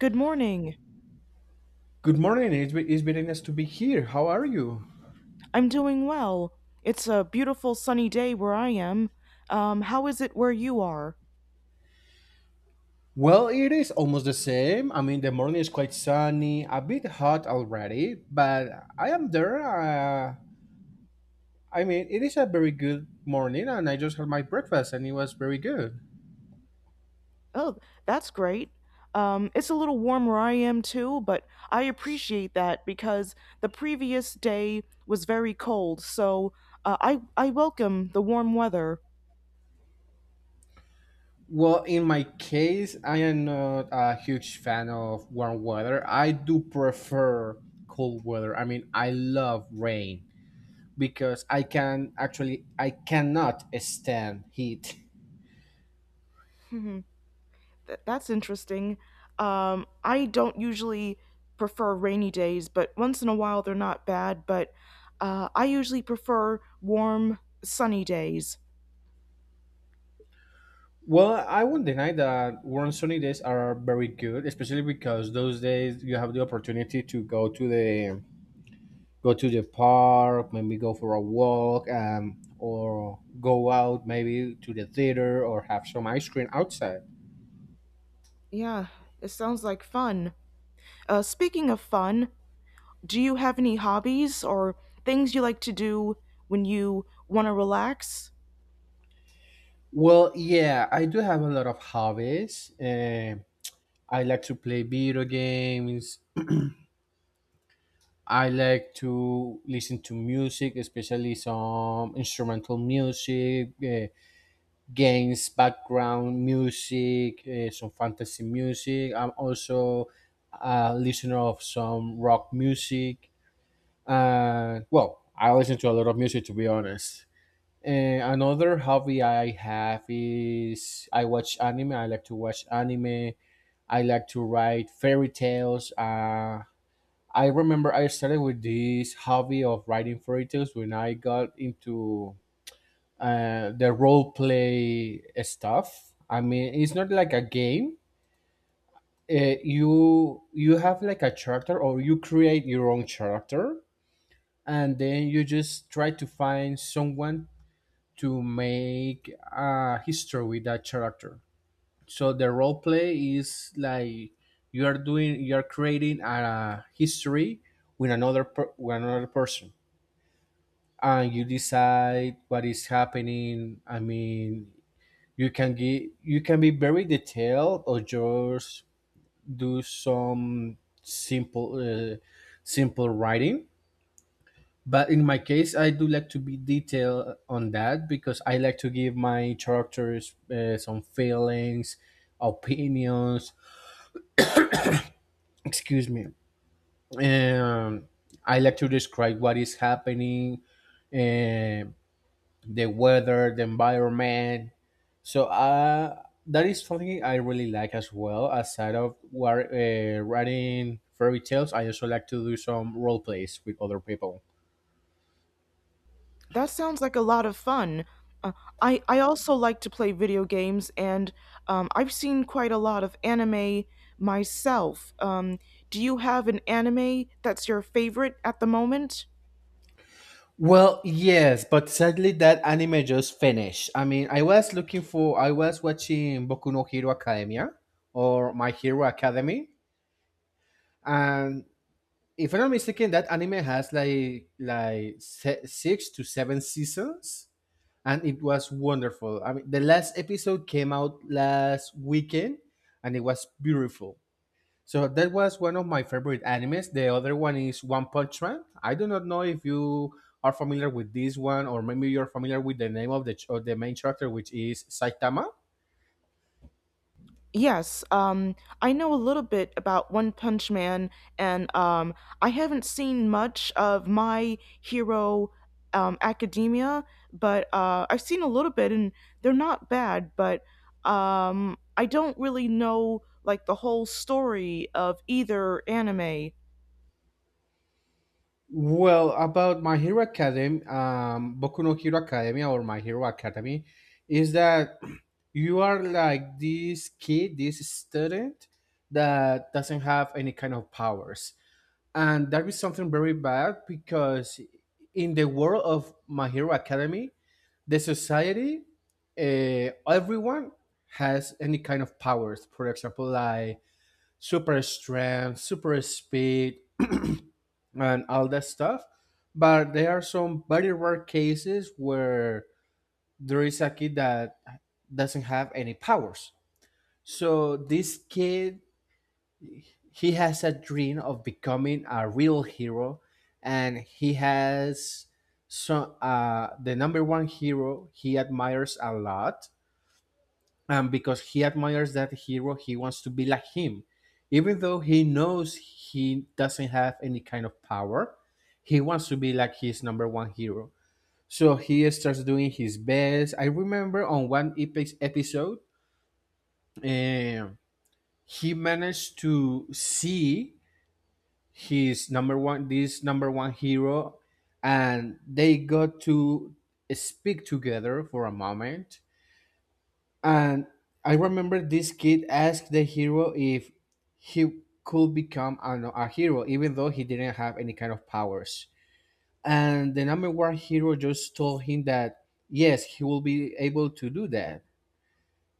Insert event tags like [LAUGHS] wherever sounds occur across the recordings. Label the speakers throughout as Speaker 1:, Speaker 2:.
Speaker 1: Good morning.
Speaker 2: Good morning. It's very nice to be here. How are you?
Speaker 1: I'm doing well. It's a beautiful sunny day where I am. How is it where you are?
Speaker 2: Well, it is almost the same. I mean, the morning is quite sunny, a bit hot already, but I am there. I mean, it is a very good morning, and I just had my breakfast, and it was very good.
Speaker 1: Oh, that's great. It's a little warm where I am too, but I appreciate that because the previous day was very cold, so I welcome the warm weather.
Speaker 2: Well, in my case, I am not a huge fan of warm weather. I do prefer cold weather. I mean, I love rain because I cannot stand heat. [LAUGHS]
Speaker 1: [LAUGHS] That's interesting. I don't usually prefer rainy days, but once in a while they're not bad. But I usually prefer warm, sunny days.
Speaker 2: Well, I won't deny that warm sunny days are very good, especially because those days you have the opportunity to go to the park, maybe go for a walk, or go out maybe to the theater or have some ice cream outside.
Speaker 1: Yeah, it sounds like fun. Speaking of fun, do you have any hobbies or things you like to do when you want to relax?
Speaker 2: Well, yeah, I do have a lot of hobbies. I like to play video games. I like to listen to music, especially some instrumental music. Games, background music, some fantasy music. I'm also a listener of some rock music. Well, I listen to a lot of music to be honest. And another hobby I have is I watch anime. I like to watch anime. I like to write fairy tales. I remember I started with this hobby of writing fairy tales when I got into the role play stuff. I mean, it's not like a game. You have like a character, or you create your own character, and then you just try to find someone to make a history with that character. So the role play is like you are creating a history with with another person, and you decide what is happening. I mean, you can be very detailed or just do some simple simple writing. But in my case, I do like to be detailed on that because I like to give my characters some feelings, opinions. Excuse me. um, I like to describe what is happening, uh, the weather, the environment. So that is something I really like as well. Aside of writing fairy tales, I also like to do some role plays with other people.
Speaker 1: That sounds like a lot of fun. Uh, I also like to play video games, and I've seen quite a lot of anime myself. Do you have an anime that's your favorite at the moment?
Speaker 2: Well, yes, but sadly that anime just finished. I mean, I was watching Boku no Hero Academia or My Hero Academy, and if I'm not mistaken, that anime has like six to seven seasons. And it was wonderful. I mean, the last episode came out last weekend, and it was beautiful. So that was one of my favorite animes. The other one is One Punch Man. I do not know if you are familiar with this one, or maybe you're familiar with the name of the of the main character, which is Saitama.
Speaker 1: Yes, I know a little bit about One Punch Man, and I haven't seen much of My Hero Academia, but I've seen a little bit, and they're not bad. But I don't really know like the whole story of either anime.
Speaker 2: Well, about My Hero Academy, Boku no Hero Academy or My Hero Academy, is that [CLEARS THROAT] you are like this kid, this student that doesn't have any kind of powers. And that is something very bad because in the world of My Hero Academy, the society, everyone has any kind of powers. For example, like super strength, super speed, and all that stuff. But there are some very rare cases where there is a kid that doesn't have any powers. So this kid, he has a dream of becoming a real hero, and he has so the number one hero he admires a lot, because he admires that hero. He wants to be like him, even though he knows he doesn't have any kind of power. He wants to be like his number one hero. So he starts doing his best. I remember on one episode, um, he managed to see this number one hero, and they got to speak together for a moment. And I remember this kid asked the hero if he could become a hero, even though he didn't have any kind of powers. And the number one hero just told him that yes, he will be able to do that,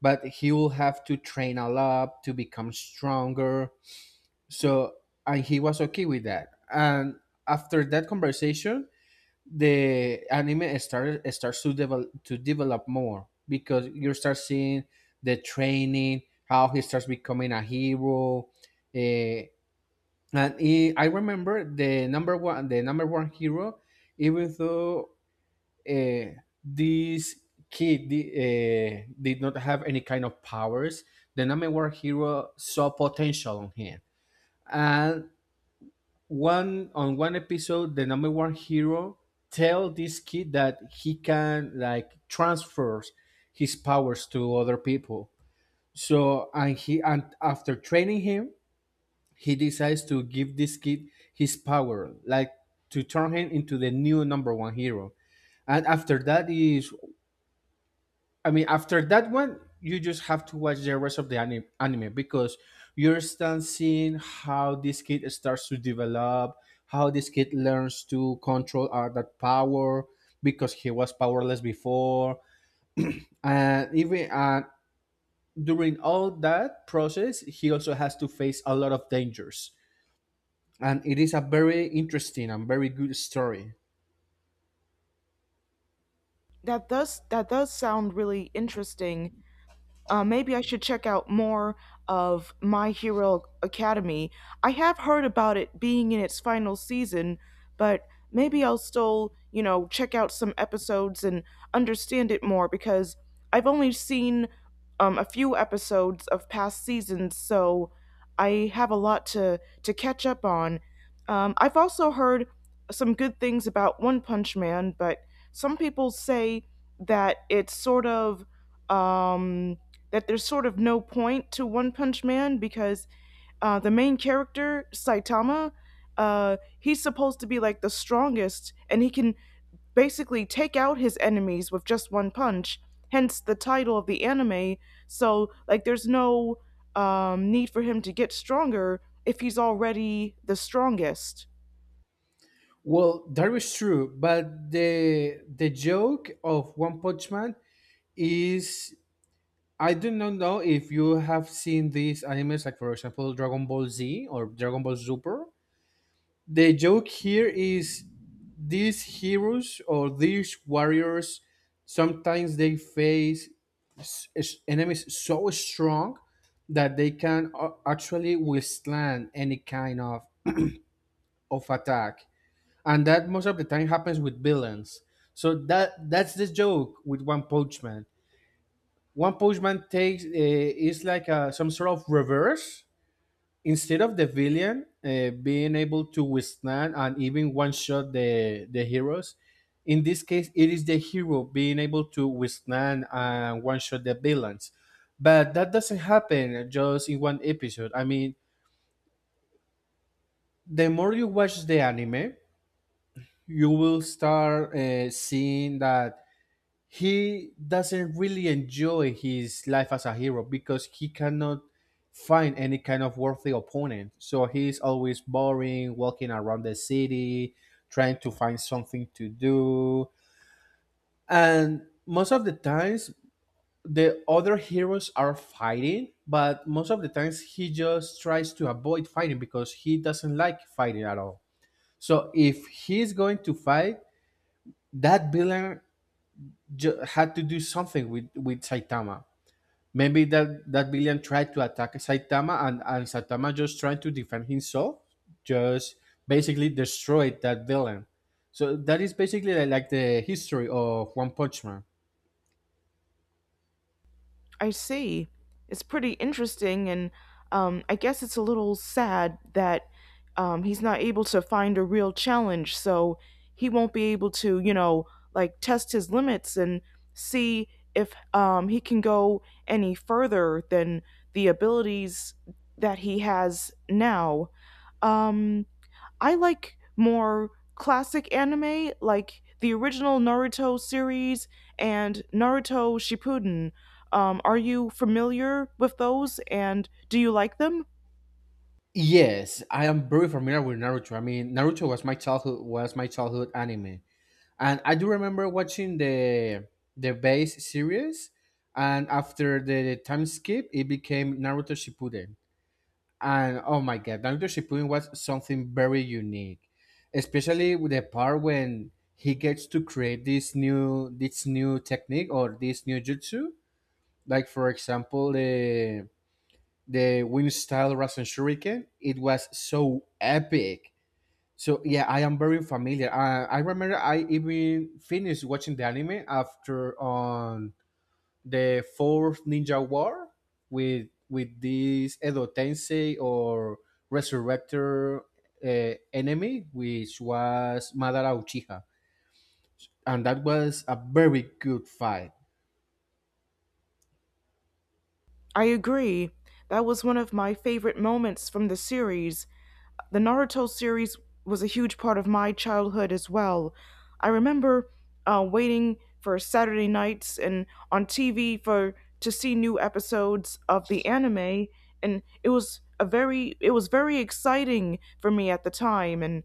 Speaker 2: but he will have to train a lot to become stronger. So, and he was okay with that. And after that conversation, the anime start starts to develop more because you start seeing the training, how he starts becoming a hero. eh, and I remember the number one hero, even though uh, this kid did not have any kind of powers, the number one hero saw potential on him. And one on one episode the number one hero tell this kid that he can like transfer his powers to other people. So and he and after training him, he decides to give this kid his power, like to turn him into the new number one hero. And after that is, I mean, after that one, you just have to watch the rest of the anime because you're still seeing how this kid starts to develop, how this kid learns to control that power because he was powerless before, and even during all that process, he also has to face a lot of dangers, and it is a very interesting and very good story.
Speaker 1: That does sound really interesting. Maybe I should check out more of My Hero Academy. I have heard about it being in its final season, but maybe I'll still, you know, check out some episodes and understand it more because I've only seen a few episodes of past seasons, so I have a lot to catch up on. I've also heard some good things about One Punch Man, but some people say that it's sort of. Um, that there's sort of no point to One Punch Man because the main character Saitama, he's supposed to be like the strongest, and he can basically take out his enemies with just one punch. Hence the title of the anime. So like, there's no need for him to get stronger if he's already the strongest.
Speaker 2: Well, that is true, but the joke of One Punch Man is, I do not know if you have seen these animes, like for example Dragon Ball Z or Dragon Ball Super. The joke here is these heroes or these warriors sometimes they face enemies so strong that they can actually withstand any kind of attack, and that most of the time happens with villains. So that's the joke with One Punch Man. One Punch Man takes is like some sort of reverse. Instead of the villain being able to withstand and even one shot the heroes, in this case it is the hero being able to withstand and one shot the villains. But that doesn't happen just in one episode. I mean, the more you watch the anime, you will start seeing that he doesn't really enjoy his life as a hero because he cannot find any kind of worthy opponent. So he's always boring, walking around the city, trying to find something to do. And most of the times, the other heroes are fighting, but most of the times he just tries to avoid fighting because he doesn't like fighting at all. So if he's going to fight, that villain had to do something with Saitama. Maybe that villain tried to attack Saitama, and Saitama, just trying to defend himself, just basically destroyed that villain. So that is basically like the history of One Punch Man.
Speaker 1: I see. It's pretty interesting, and I guess it's a little sad that he's not able to find a real challenge, so he won't be able to, you know, like test his limits and see if he can go any further than the abilities that he has now. Um, I like more classic anime, like the original Naruto series and Naruto Shippuden. Are you familiar with those and do you like them?
Speaker 2: Yes, I am very familiar with Naruto. I mean, Naruto was my childhood anime, and I do remember watching the base series, and after the time skip, it became Naruto Shippuden. And oh my god, Doctor Shippuden was something very unique, especially with the part when he gets to create this new technique or this new jutsu. Like for example, the wind style Rasen Shuriken. It was so epic. So yeah, I am very familiar. I remember I even finished watching the anime after on the fourth Ninja War with this Edo Tensei or Resurrector enemy, which was Madara Uchiha, and that was a very good fight.
Speaker 1: I agree. That was one of my favorite moments from the series. The Naruto series was a huge part of my childhood as well. I remember waiting for Saturday nights and on TV for to see new episodes of the anime, and it was a very it was very exciting for me at the time. And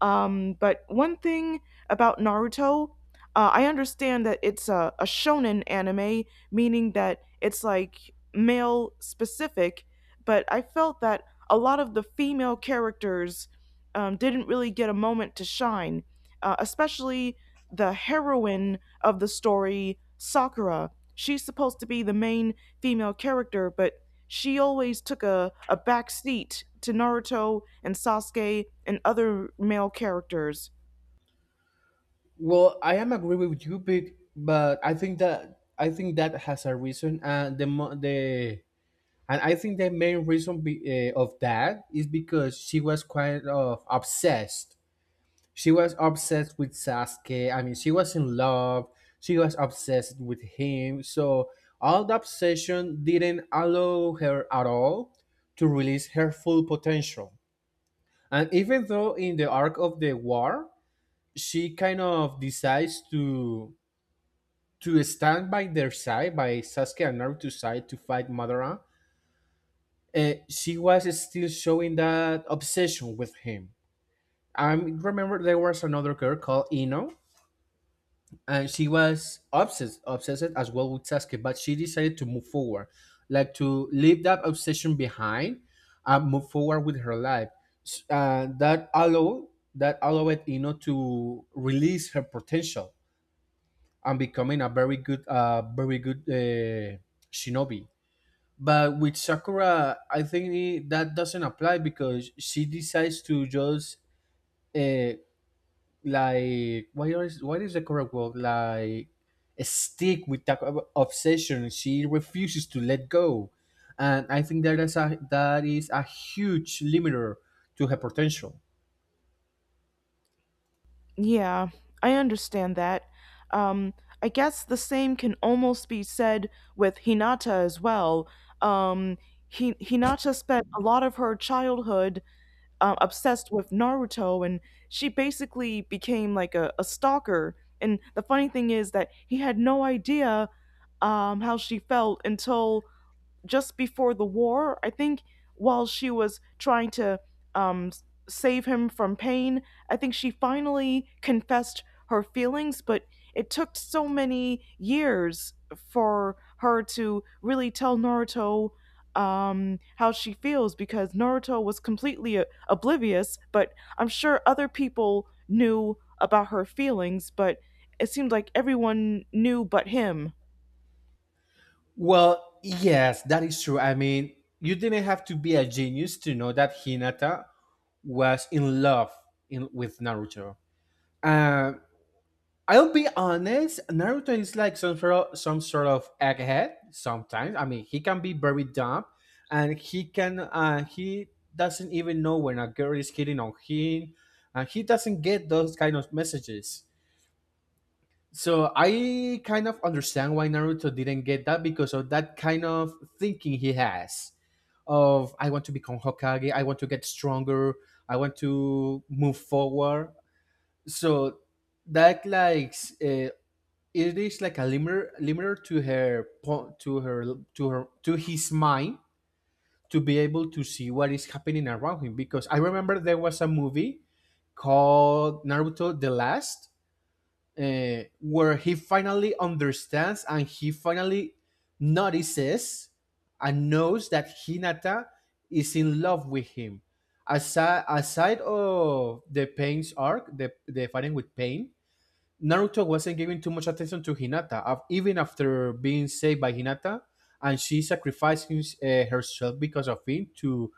Speaker 1: but one thing about Naruto, I understand that it's a shonen anime, meaning that it's like male specific. But I felt that a lot of the female characters didn't really get a moment to shine, especially the heroine of the story, Sakura. She's supposed to be the main female character, but she always took a back seat to Naruto and Sasuke and other male characters.
Speaker 2: Well, I am agree with you, but I think that has a reason, and the mo- the and I think the main reason of that is because she was kind of obsessed. She was obsessed with Sasuke. I mean, she was in love. She was obsessed with him. So all the obsession didn't allow her at all to release her full potential. And even though in the arc of the war, she kind of decides to stand by their side, by Sasuke and Naruto's side to fight Madara, she was still showing that obsession with him. I remember there was another girl called Ino, and she was obsessed as well with Sasuke, but she decided to move forward, like to leave that obsession behind and move forward with her life. S- Uh, that allowed that allowed Ino to release her potential and becoming a very good very good shinobi. But with Sakura, I think that doesn't apply because she decides to just uh, like what is the correct word, like stick with that obsession. She refuses to let go, and I think that is a, that is a huge limiter to her potential.
Speaker 1: Yeah, I understand that. Um, I guess the same can almost be said with Hinata as well. Um, Hinata spent a lot of her childhood obsessed with Naruto, and she basically became like a stalker. And the funny thing is that he had no idea how she felt until just before the war, I think, while she was trying to um, save him from pain, I think she finally confessed her feelings, but it took so many years for her to really tell Naruto how she feels because Naruto was completely oblivious, but I'm sure other people knew about her feelings, but it seemed like everyone knew but him.
Speaker 2: Well, yes, that is true. I mean, you didn't have to be a genius to know that Hinata was in love with Naruto. Uh, I'll be honest, Naruto is like some sort of egghead sometimes. I mean, he can be very dumb and he can he doesn't even know when a girl is hitting on him and he doesn't get those kind of messages. So I kind of understand why Naruto didn't get that because of that kind of thinking he has of I want to become Hokage, I want to get stronger, I want to move forward. So that like uh, it is like a limiter to her to his mind to be able to see what is happening around him, because I remember there was a movie called Naruto the Last, where he finally understands and he finally notices and knows that Hinata is in love with him. Aside of the Pain's arc, the fighting with Pain, Naruto wasn't giving too much attention to Hinata, even after being saved by Hinata, and she sacrificing herself because of him to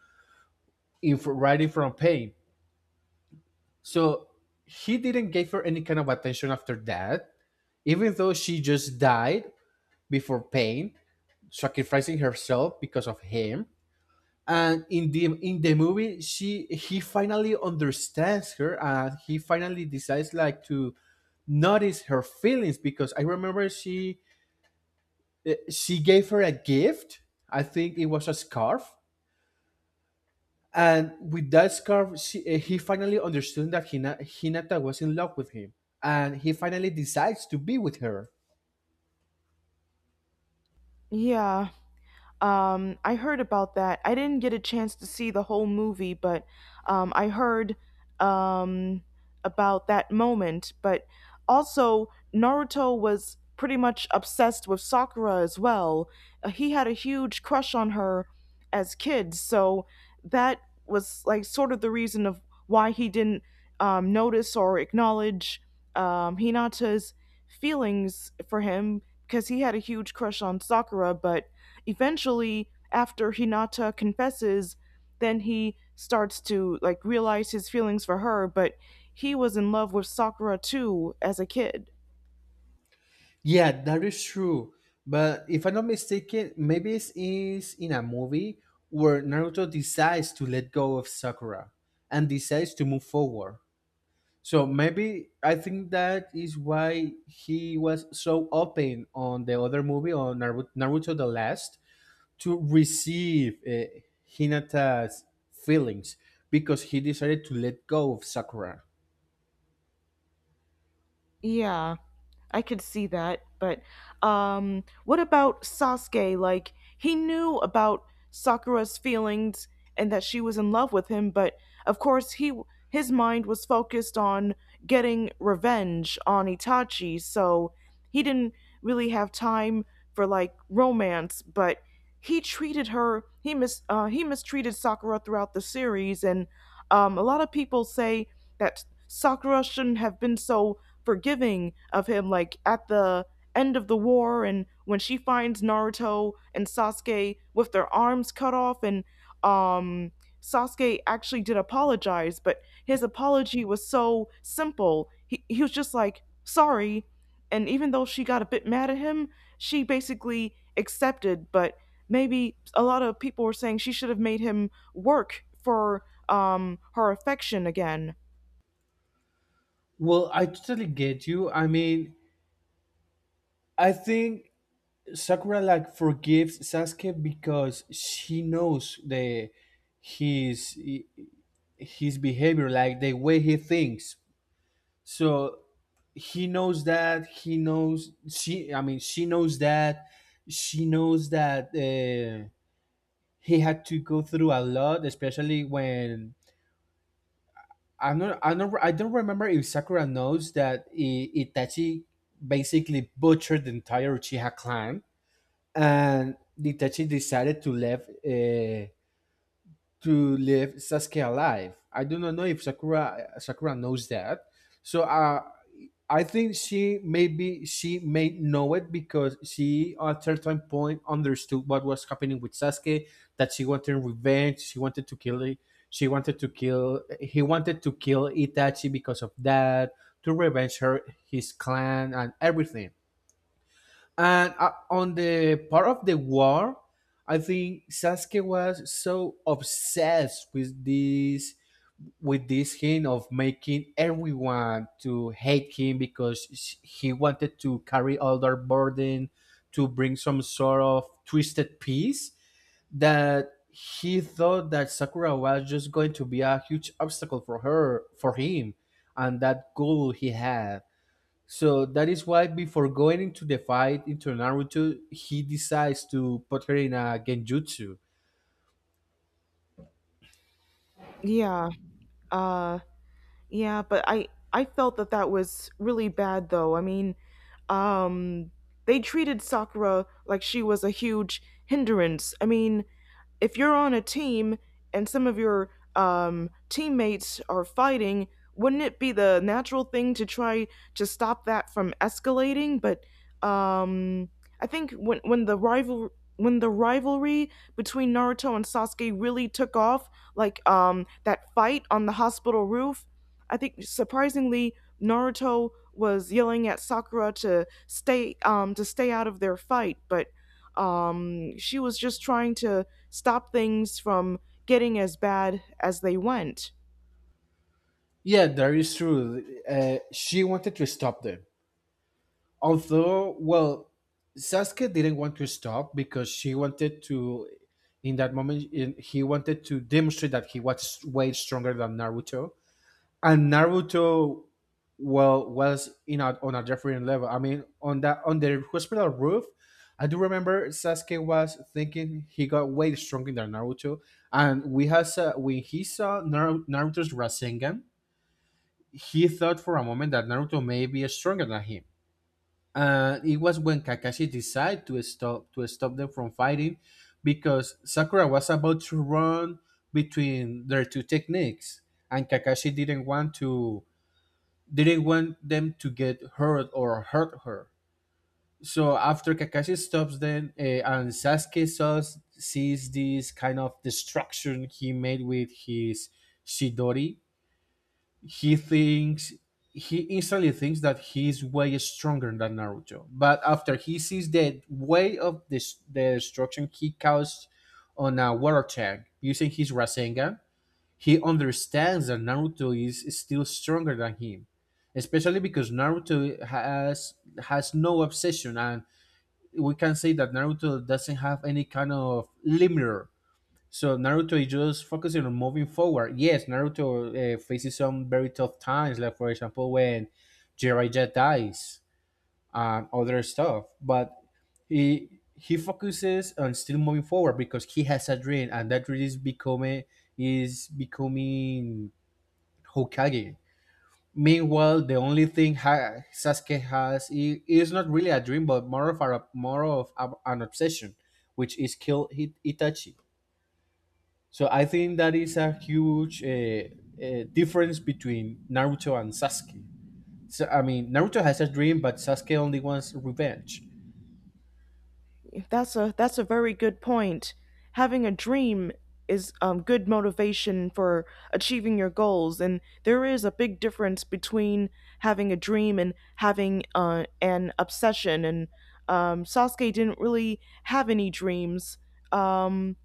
Speaker 2: right in from Pain. So he didn't give her any kind of attention after that, even though she just died before Pain, sacrificing herself because of him. And in the movie, she he finally understands her, and he finally decides like to notice her feelings, because I remember she gave her a gift. I think it was a scarf. And with that scarf, he finally understood that Hinata was in love with him. And he finally decides to be with her.
Speaker 1: Yeah. I heard about that. I didn't get a chance to see the whole movie, but I heard um, about that moment. But also, Naruto was pretty much obsessed with Sakura as well. He had a huge crush on her as kids, so that was like sort of the reason of why he didn't notice or acknowledge Hinata's feelings for him because he had a huge crush on Sakura, but eventually after Hinata confesses, then he starts to like realize his feelings for her, but he was in love with Sakura too as a kid.
Speaker 2: Yeah, that is true. But if I'm not mistaken, maybe it is in a movie where Naruto decides to let go of Sakura and decides to move forward. So maybe I think that is why he was so open on the other movie, on Naruto the Last, to receive Hinata's feelings because he decided to let go of Sakura.
Speaker 1: Yeah, I could see that. But what about Sasuke? Like, he knew about Sakura's feelings and that she was in love with him, but of course, he his mind was focused on getting revenge on Itachi, so he didn't really have time for like romance. But he treated her he mistreated Sakura throughout the series, and a lot of people say that Sakura shouldn't have been so forgiving of him like at the end of the war and when she finds Naruto and Sasuke with their arms cut off and um Sasuke actually did apologize, but his apology was so simple. He was just like, "Sorry." And even though she got a bit mad at him, she basically accepted, but maybe a lot of people were saying she should have made him work for her affection again.
Speaker 2: Well, I totally get you. I mean, I think Sakura like forgives Sasuke because she knows the his his behavior, like the way he thinks. So he knows she. I mean, she knows that she knows that uh, he had to go through a lot, especially when I don't remember if Sakura knows that Itachi basically butchered the entire Uchiha clan, and Itachi decided to leave to live Sasuke alive. I do not know if Sakura knows that. So I think she maybe she may know it because she at a certain point understood what was happening with Sasuke, that she wanted revenge, she wanted to kill it, she wanted to kill he wanted to kill Itachi because of that, to revenge her his clan and everything. And on the part of the war, I think Sasuke was so obsessed with this, hint of making everyone to hate him, because he wanted to carry all their burden to bring some sort of twisted peace, that he thought that Sakura was just going to be a huge obstacle for him and that goal he had. So that is why before going into the fight into Naruto, he decides to put her in a genjutsu.
Speaker 1: Yeah. Uh Yeah, but I felt that that was really bad though. I mean, um they treated Sakura like she was a huge hindrance. I mean, if you're on a team and some of your teammates are fighting, wouldn't it be the natural thing to try to stop that from escalating? But um, I think when the rival when the rivalry between Naruto and Sasuke really took off, like that fight on the hospital roof, I think surprisingly Naruto was yelling at Sakura to stay out of their fight, but she was just trying to stop things from getting as bad as they went.
Speaker 2: Yeah, that is true. She wanted to stop them. Although, well, Sasuke didn't want to stop because she wanted to, in that moment, he wanted to demonstrate that he was way stronger than Naruto. And Naruto well was on a different level. I mean, on that on the hospital roof, I do remember Sasuke was thinking he got way stronger than Naruto, and we has when he saw Naruto's Rasengan, he thought for a moment that Naruto may be stronger than him. And it was when Kakashi decided to stop them from fighting because Sakura was about to run between their two techniques and Kakashi didn't want them to get hurt or hurt her. So after Kakashi stops them, and Sasuke sees this kind of destruction he made with his Shidori, he thinks, he instantly thinks that he's way stronger than Naruto. But after he sees the way of this the destruction he caused on a water tank using his Rasengan, he understands that Naruto is still stronger than him, especially because Naruto has no obsession, and we can say that Naruto doesn't have any kind of limiter. So Naruto is just focusing on moving forward. Yes, Naruto faces some very tough times, like for example when Jiraiya dies and other stuff, but he focuses on still moving forward because he has a dream, and that dream is becoming Hokage. Meanwhile, the only thing Sasuke is not really a dream, but more of a an obsession, which is kill Itachi. So I think that is a huge difference between Naruto and Sasuke. So I mean, Naruto has a dream, but Sasuke only wants revenge.
Speaker 1: That's a very good point. Having a dream is good motivation for achieving your goals, and there is a big difference between having a dream and having an obsession. And Sasuke didn't really have any dreams. Um,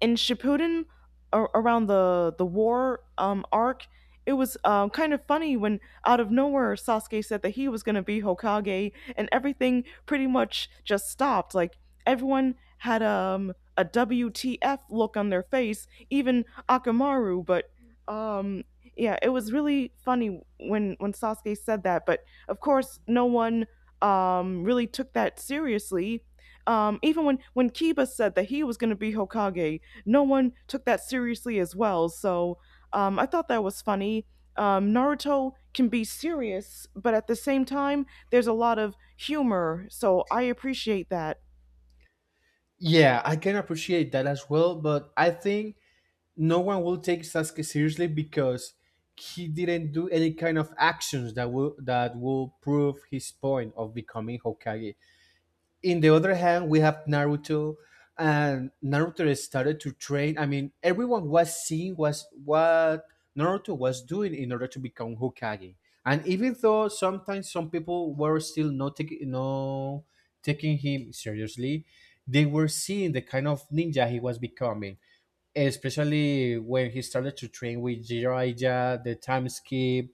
Speaker 1: in Shippuden around the war arc, it was kind of funny when out of nowhere Sasuke said that he was going to be Hokage, and everything pretty much just stopped. Like everyone had a WTF look on their face, even Akamaru. But um, yeah, it was really funny when Sasuke said that. But of course, no one really took that seriously. Even when Kiba said that he was going to be Hokage, no one took that seriously as well. So I thought that was funny. Naruto can be serious, but at the same time, there's a lot of humor. So I appreciate that.
Speaker 2: Yeah, I can appreciate that as well, but I think no one will take Sasuke seriously because he didn't do any kind of actions that will prove his point of becoming Hokage. In the other hand, we have Naruto, and Naruto started to train. I mean, everyone was seeing was what Naruto was doing in order to become Hokage. And even though sometimes some people were still not taking no taking him seriously, they were seeing the kind of ninja he was becoming, especially when he started to train with Jiraiya, the time skip,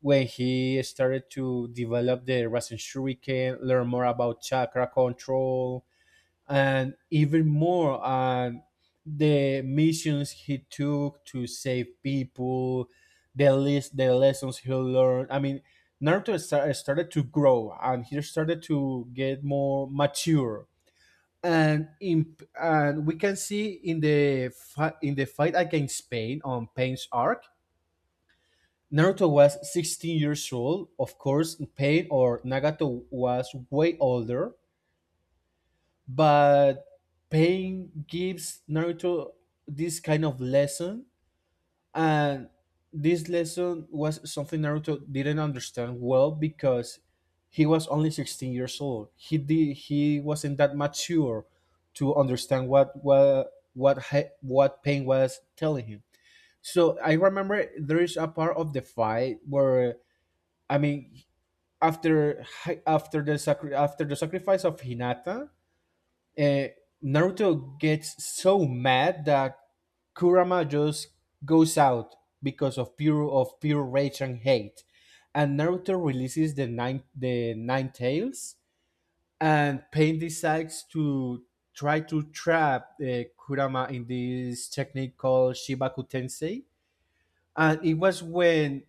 Speaker 2: when he started to develop the Rasen Shuriken, learn more about chakra control, and even more on the missions he took to save people, the lessons he learned. I mean, Naruto started to grow and he started to get more mature, and we can see in the in the fight against Pain on Pain's arc, Naruto was 16 years old. Of course, Pain or Nagato was way older, but Pain gives Naruto this kind of lesson. And this lesson was something Naruto didn't understand well because he was only 16 years old. He wasn't that mature to understand what Pain was telling him. So I remember there is a part of the fight where I mean after after the sacrifice of Hinata, uh, Naruto gets so mad that Kurama just goes out because of pure rage and hate, and Naruto releases the nine tails, and Pain decides to try to trap Kurama in this technique called Shibaku Tensei, and it was when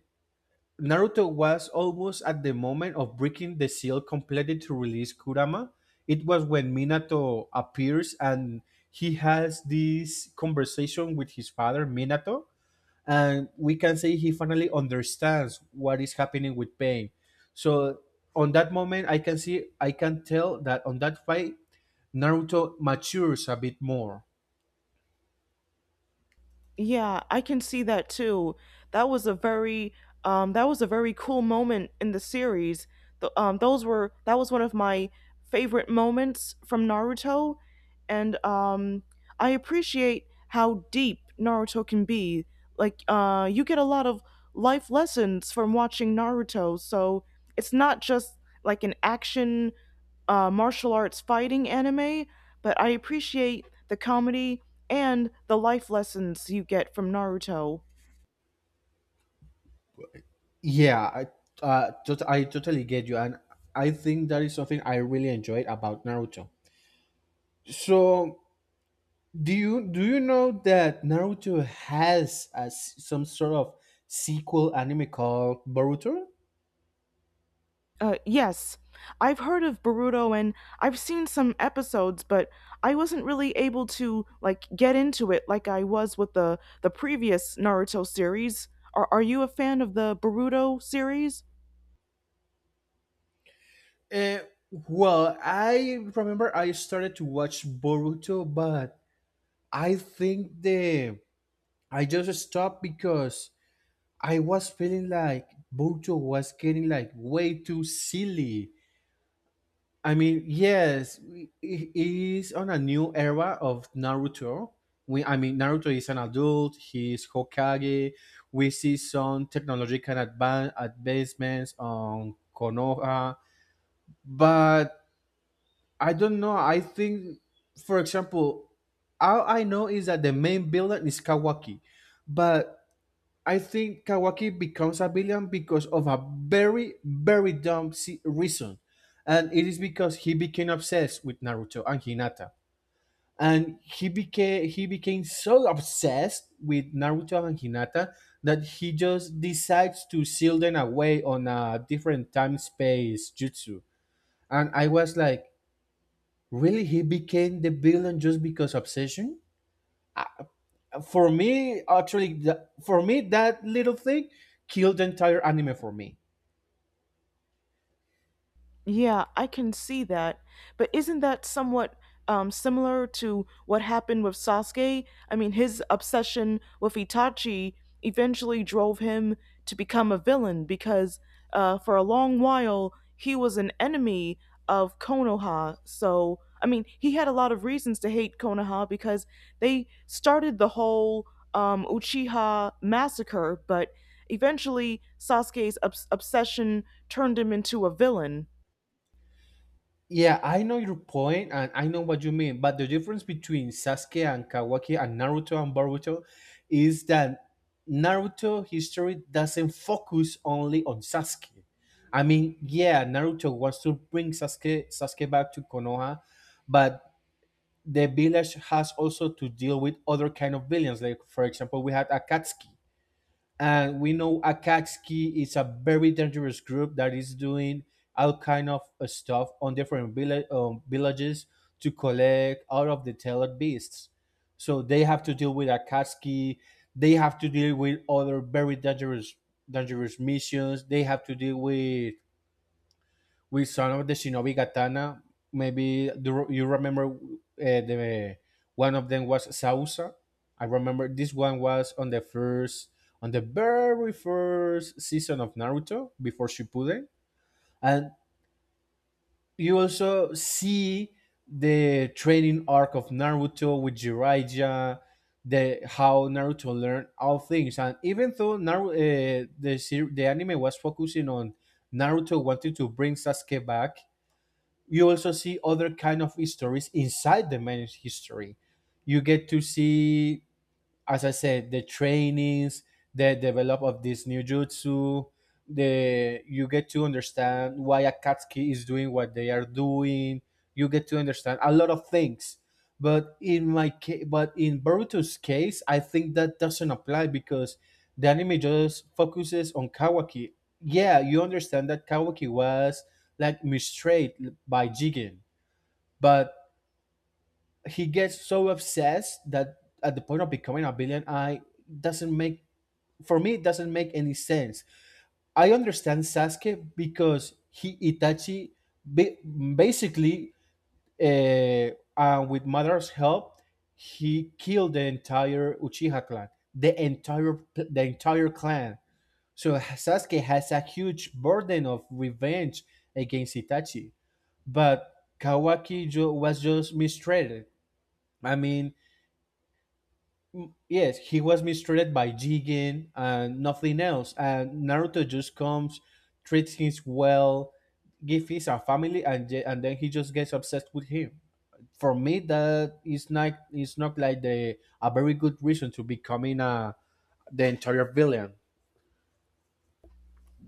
Speaker 2: Naruto was almost at the moment of breaking the seal completed to release Kurama. It was when Minato appears and he has this conversation with his father, Minato, and we can say he finally understands what is happening with Pain. So on that moment I can tell that on that fight Naruto matures a bit more.
Speaker 1: Yeah, I can see that too. That was a very that was a very cool moment in the series. The, those were that was one of my favorite moments from Naruto and I appreciate how deep Naruto can be. Like you get a lot of life lessons from watching Naruto, so it's not just like an action martial arts fighting anime, but I appreciate the comedy and the life lessons you get from Naruto.
Speaker 2: Yeah, I totally get you and I think that is something I really enjoyed about Naruto. So do you know that Naruto has a s some sort of sequel anime called Boruto?
Speaker 1: Yes, I've heard of Boruto and I've seen some episodes, but I wasn't really able to like get into it like I was with the previous Naruto series. Are you a fan of the Boruto series?
Speaker 2: Uh, well, I remember I started to watch Boruto, but I think the I just stopped because I was feeling like Boruto was getting like way too silly. I mean, yes, it is on a new era of Naruto. I mean, Naruto is an adult. He's Hokage. We see some technological advancements on Konoha, but I don't know. I think, for example, all I know is that the main villain is Kawaki, but I think Kawaki becomes a villain because of a very, very dumb reason. And it is because he became obsessed with Naruto and Hinata. And he became so obsessed with Naruto and Hinata that he just decides to seal them away on a different time space jutsu. And I was like, really? He became the villain just because obsession? For me, actually, for me, that little thing killed the entire anime for me.
Speaker 1: Yeah, I can see that. But isn't that somewhat similar to what happened with Sasuke? I mean, his obsession with Itachi eventually drove him to become a villain because for a long while he was an enemy of Konoha. So, I mean, he had a lot of reasons to hate Konoha because they started the whole Uchiha massacre, but eventually Sasuke's obsession turned him into a villain.
Speaker 2: Yeah, I know your point and I know what you mean, but the difference between Sasuke and Kawaki and Naruto and Boruto is that Naruto history doesn't focus only on Sasuke. I mean, yeah, Naruto wants to bring Sasuke back to Konoha, but the village has also to deal with other kind of villains. Like for example, we had Akatsuki and we know Akatsuki is a very dangerous group that is doing all kind of stuff on different villages to collect all of the tailored beasts. So they have to deal with Akatsuki. They have to deal with other very dangerous missions. They have to deal with some of the shinobi katana. Maybe do you you remember the one of them was Sausa? I remember this one was on on the very first season of Naruto before Shippuden, and you also see the training arc of Naruto with Jiraiya, the how Naruto learned all things, and even though Naruto, the anime was focusing on Naruto wanting to bring Sasuke back, you also see other kind of histories. Inside the managed history you get to see, as I said, the trainings, the develop of this new jutsu, the you get to understand why Akatsuki is doing what they are doing. You get to understand a lot of things. But in my case, but in Boruto's case, I think that doesn't apply because the anime just focuses on Kawaki. Yeah, you understand that Kawaki was like mistreated by Jigen, but he gets so obsessed that at the point of becoming a villain, I doesn't make, for me it doesn't make any sense. I understand Sasuke because he Itachi ba- basically, uh, with Madara's help, he killed the entire Uchiha clan, the entire clan. So Sasuke has a huge burden of revenge against Itachi, but Kawaki was just mistreated. I mean, Mm, yes, he was mistreated by Jigen and nothing else. And Naruto just comes, treats him well, gives his a family, and and then he just gets obsessed with him. For me, that is not like the a very good reason to becoming a the entire villain.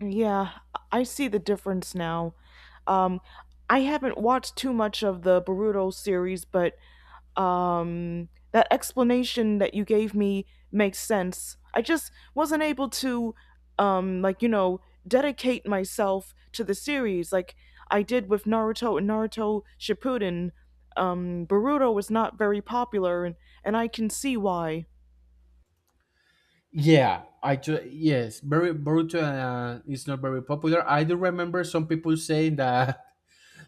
Speaker 1: Yeah, I see the difference now. Um, I haven't watched too much of the Boruto series, but that explanation that you gave me makes sense. I just wasn't able to, like you know, dedicate myself to the series like I did with Naruto and Naruto Shippuden. Boruto was not very popular, and I can see why.
Speaker 2: Yeah, I do. Yes, very Boruto is not very popular. I do remember some people saying that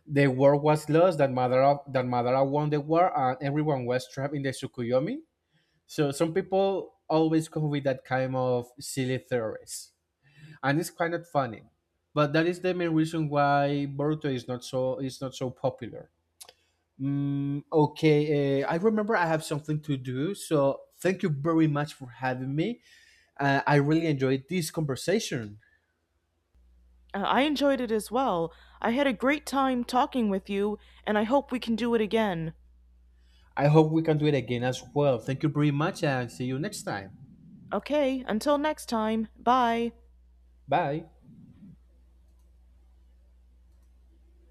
Speaker 2: the war was lost. That Madara won the war, and everyone was trapped in the Tsukuyomi. So some people always come with that kind of silly theories, and it's kind of funny. But that is the main reason why Boruto is not so popular. Mm, okay, I remember I have something to do, so thank you very much for having me. I really enjoyed this conversation.
Speaker 1: I enjoyed it as well. I had a great time talking with you, and I hope we can do it again.
Speaker 2: I hope we can do it again as well. Thank you very much, and see you next time.
Speaker 1: Okay, until next time, bye.
Speaker 2: Bye.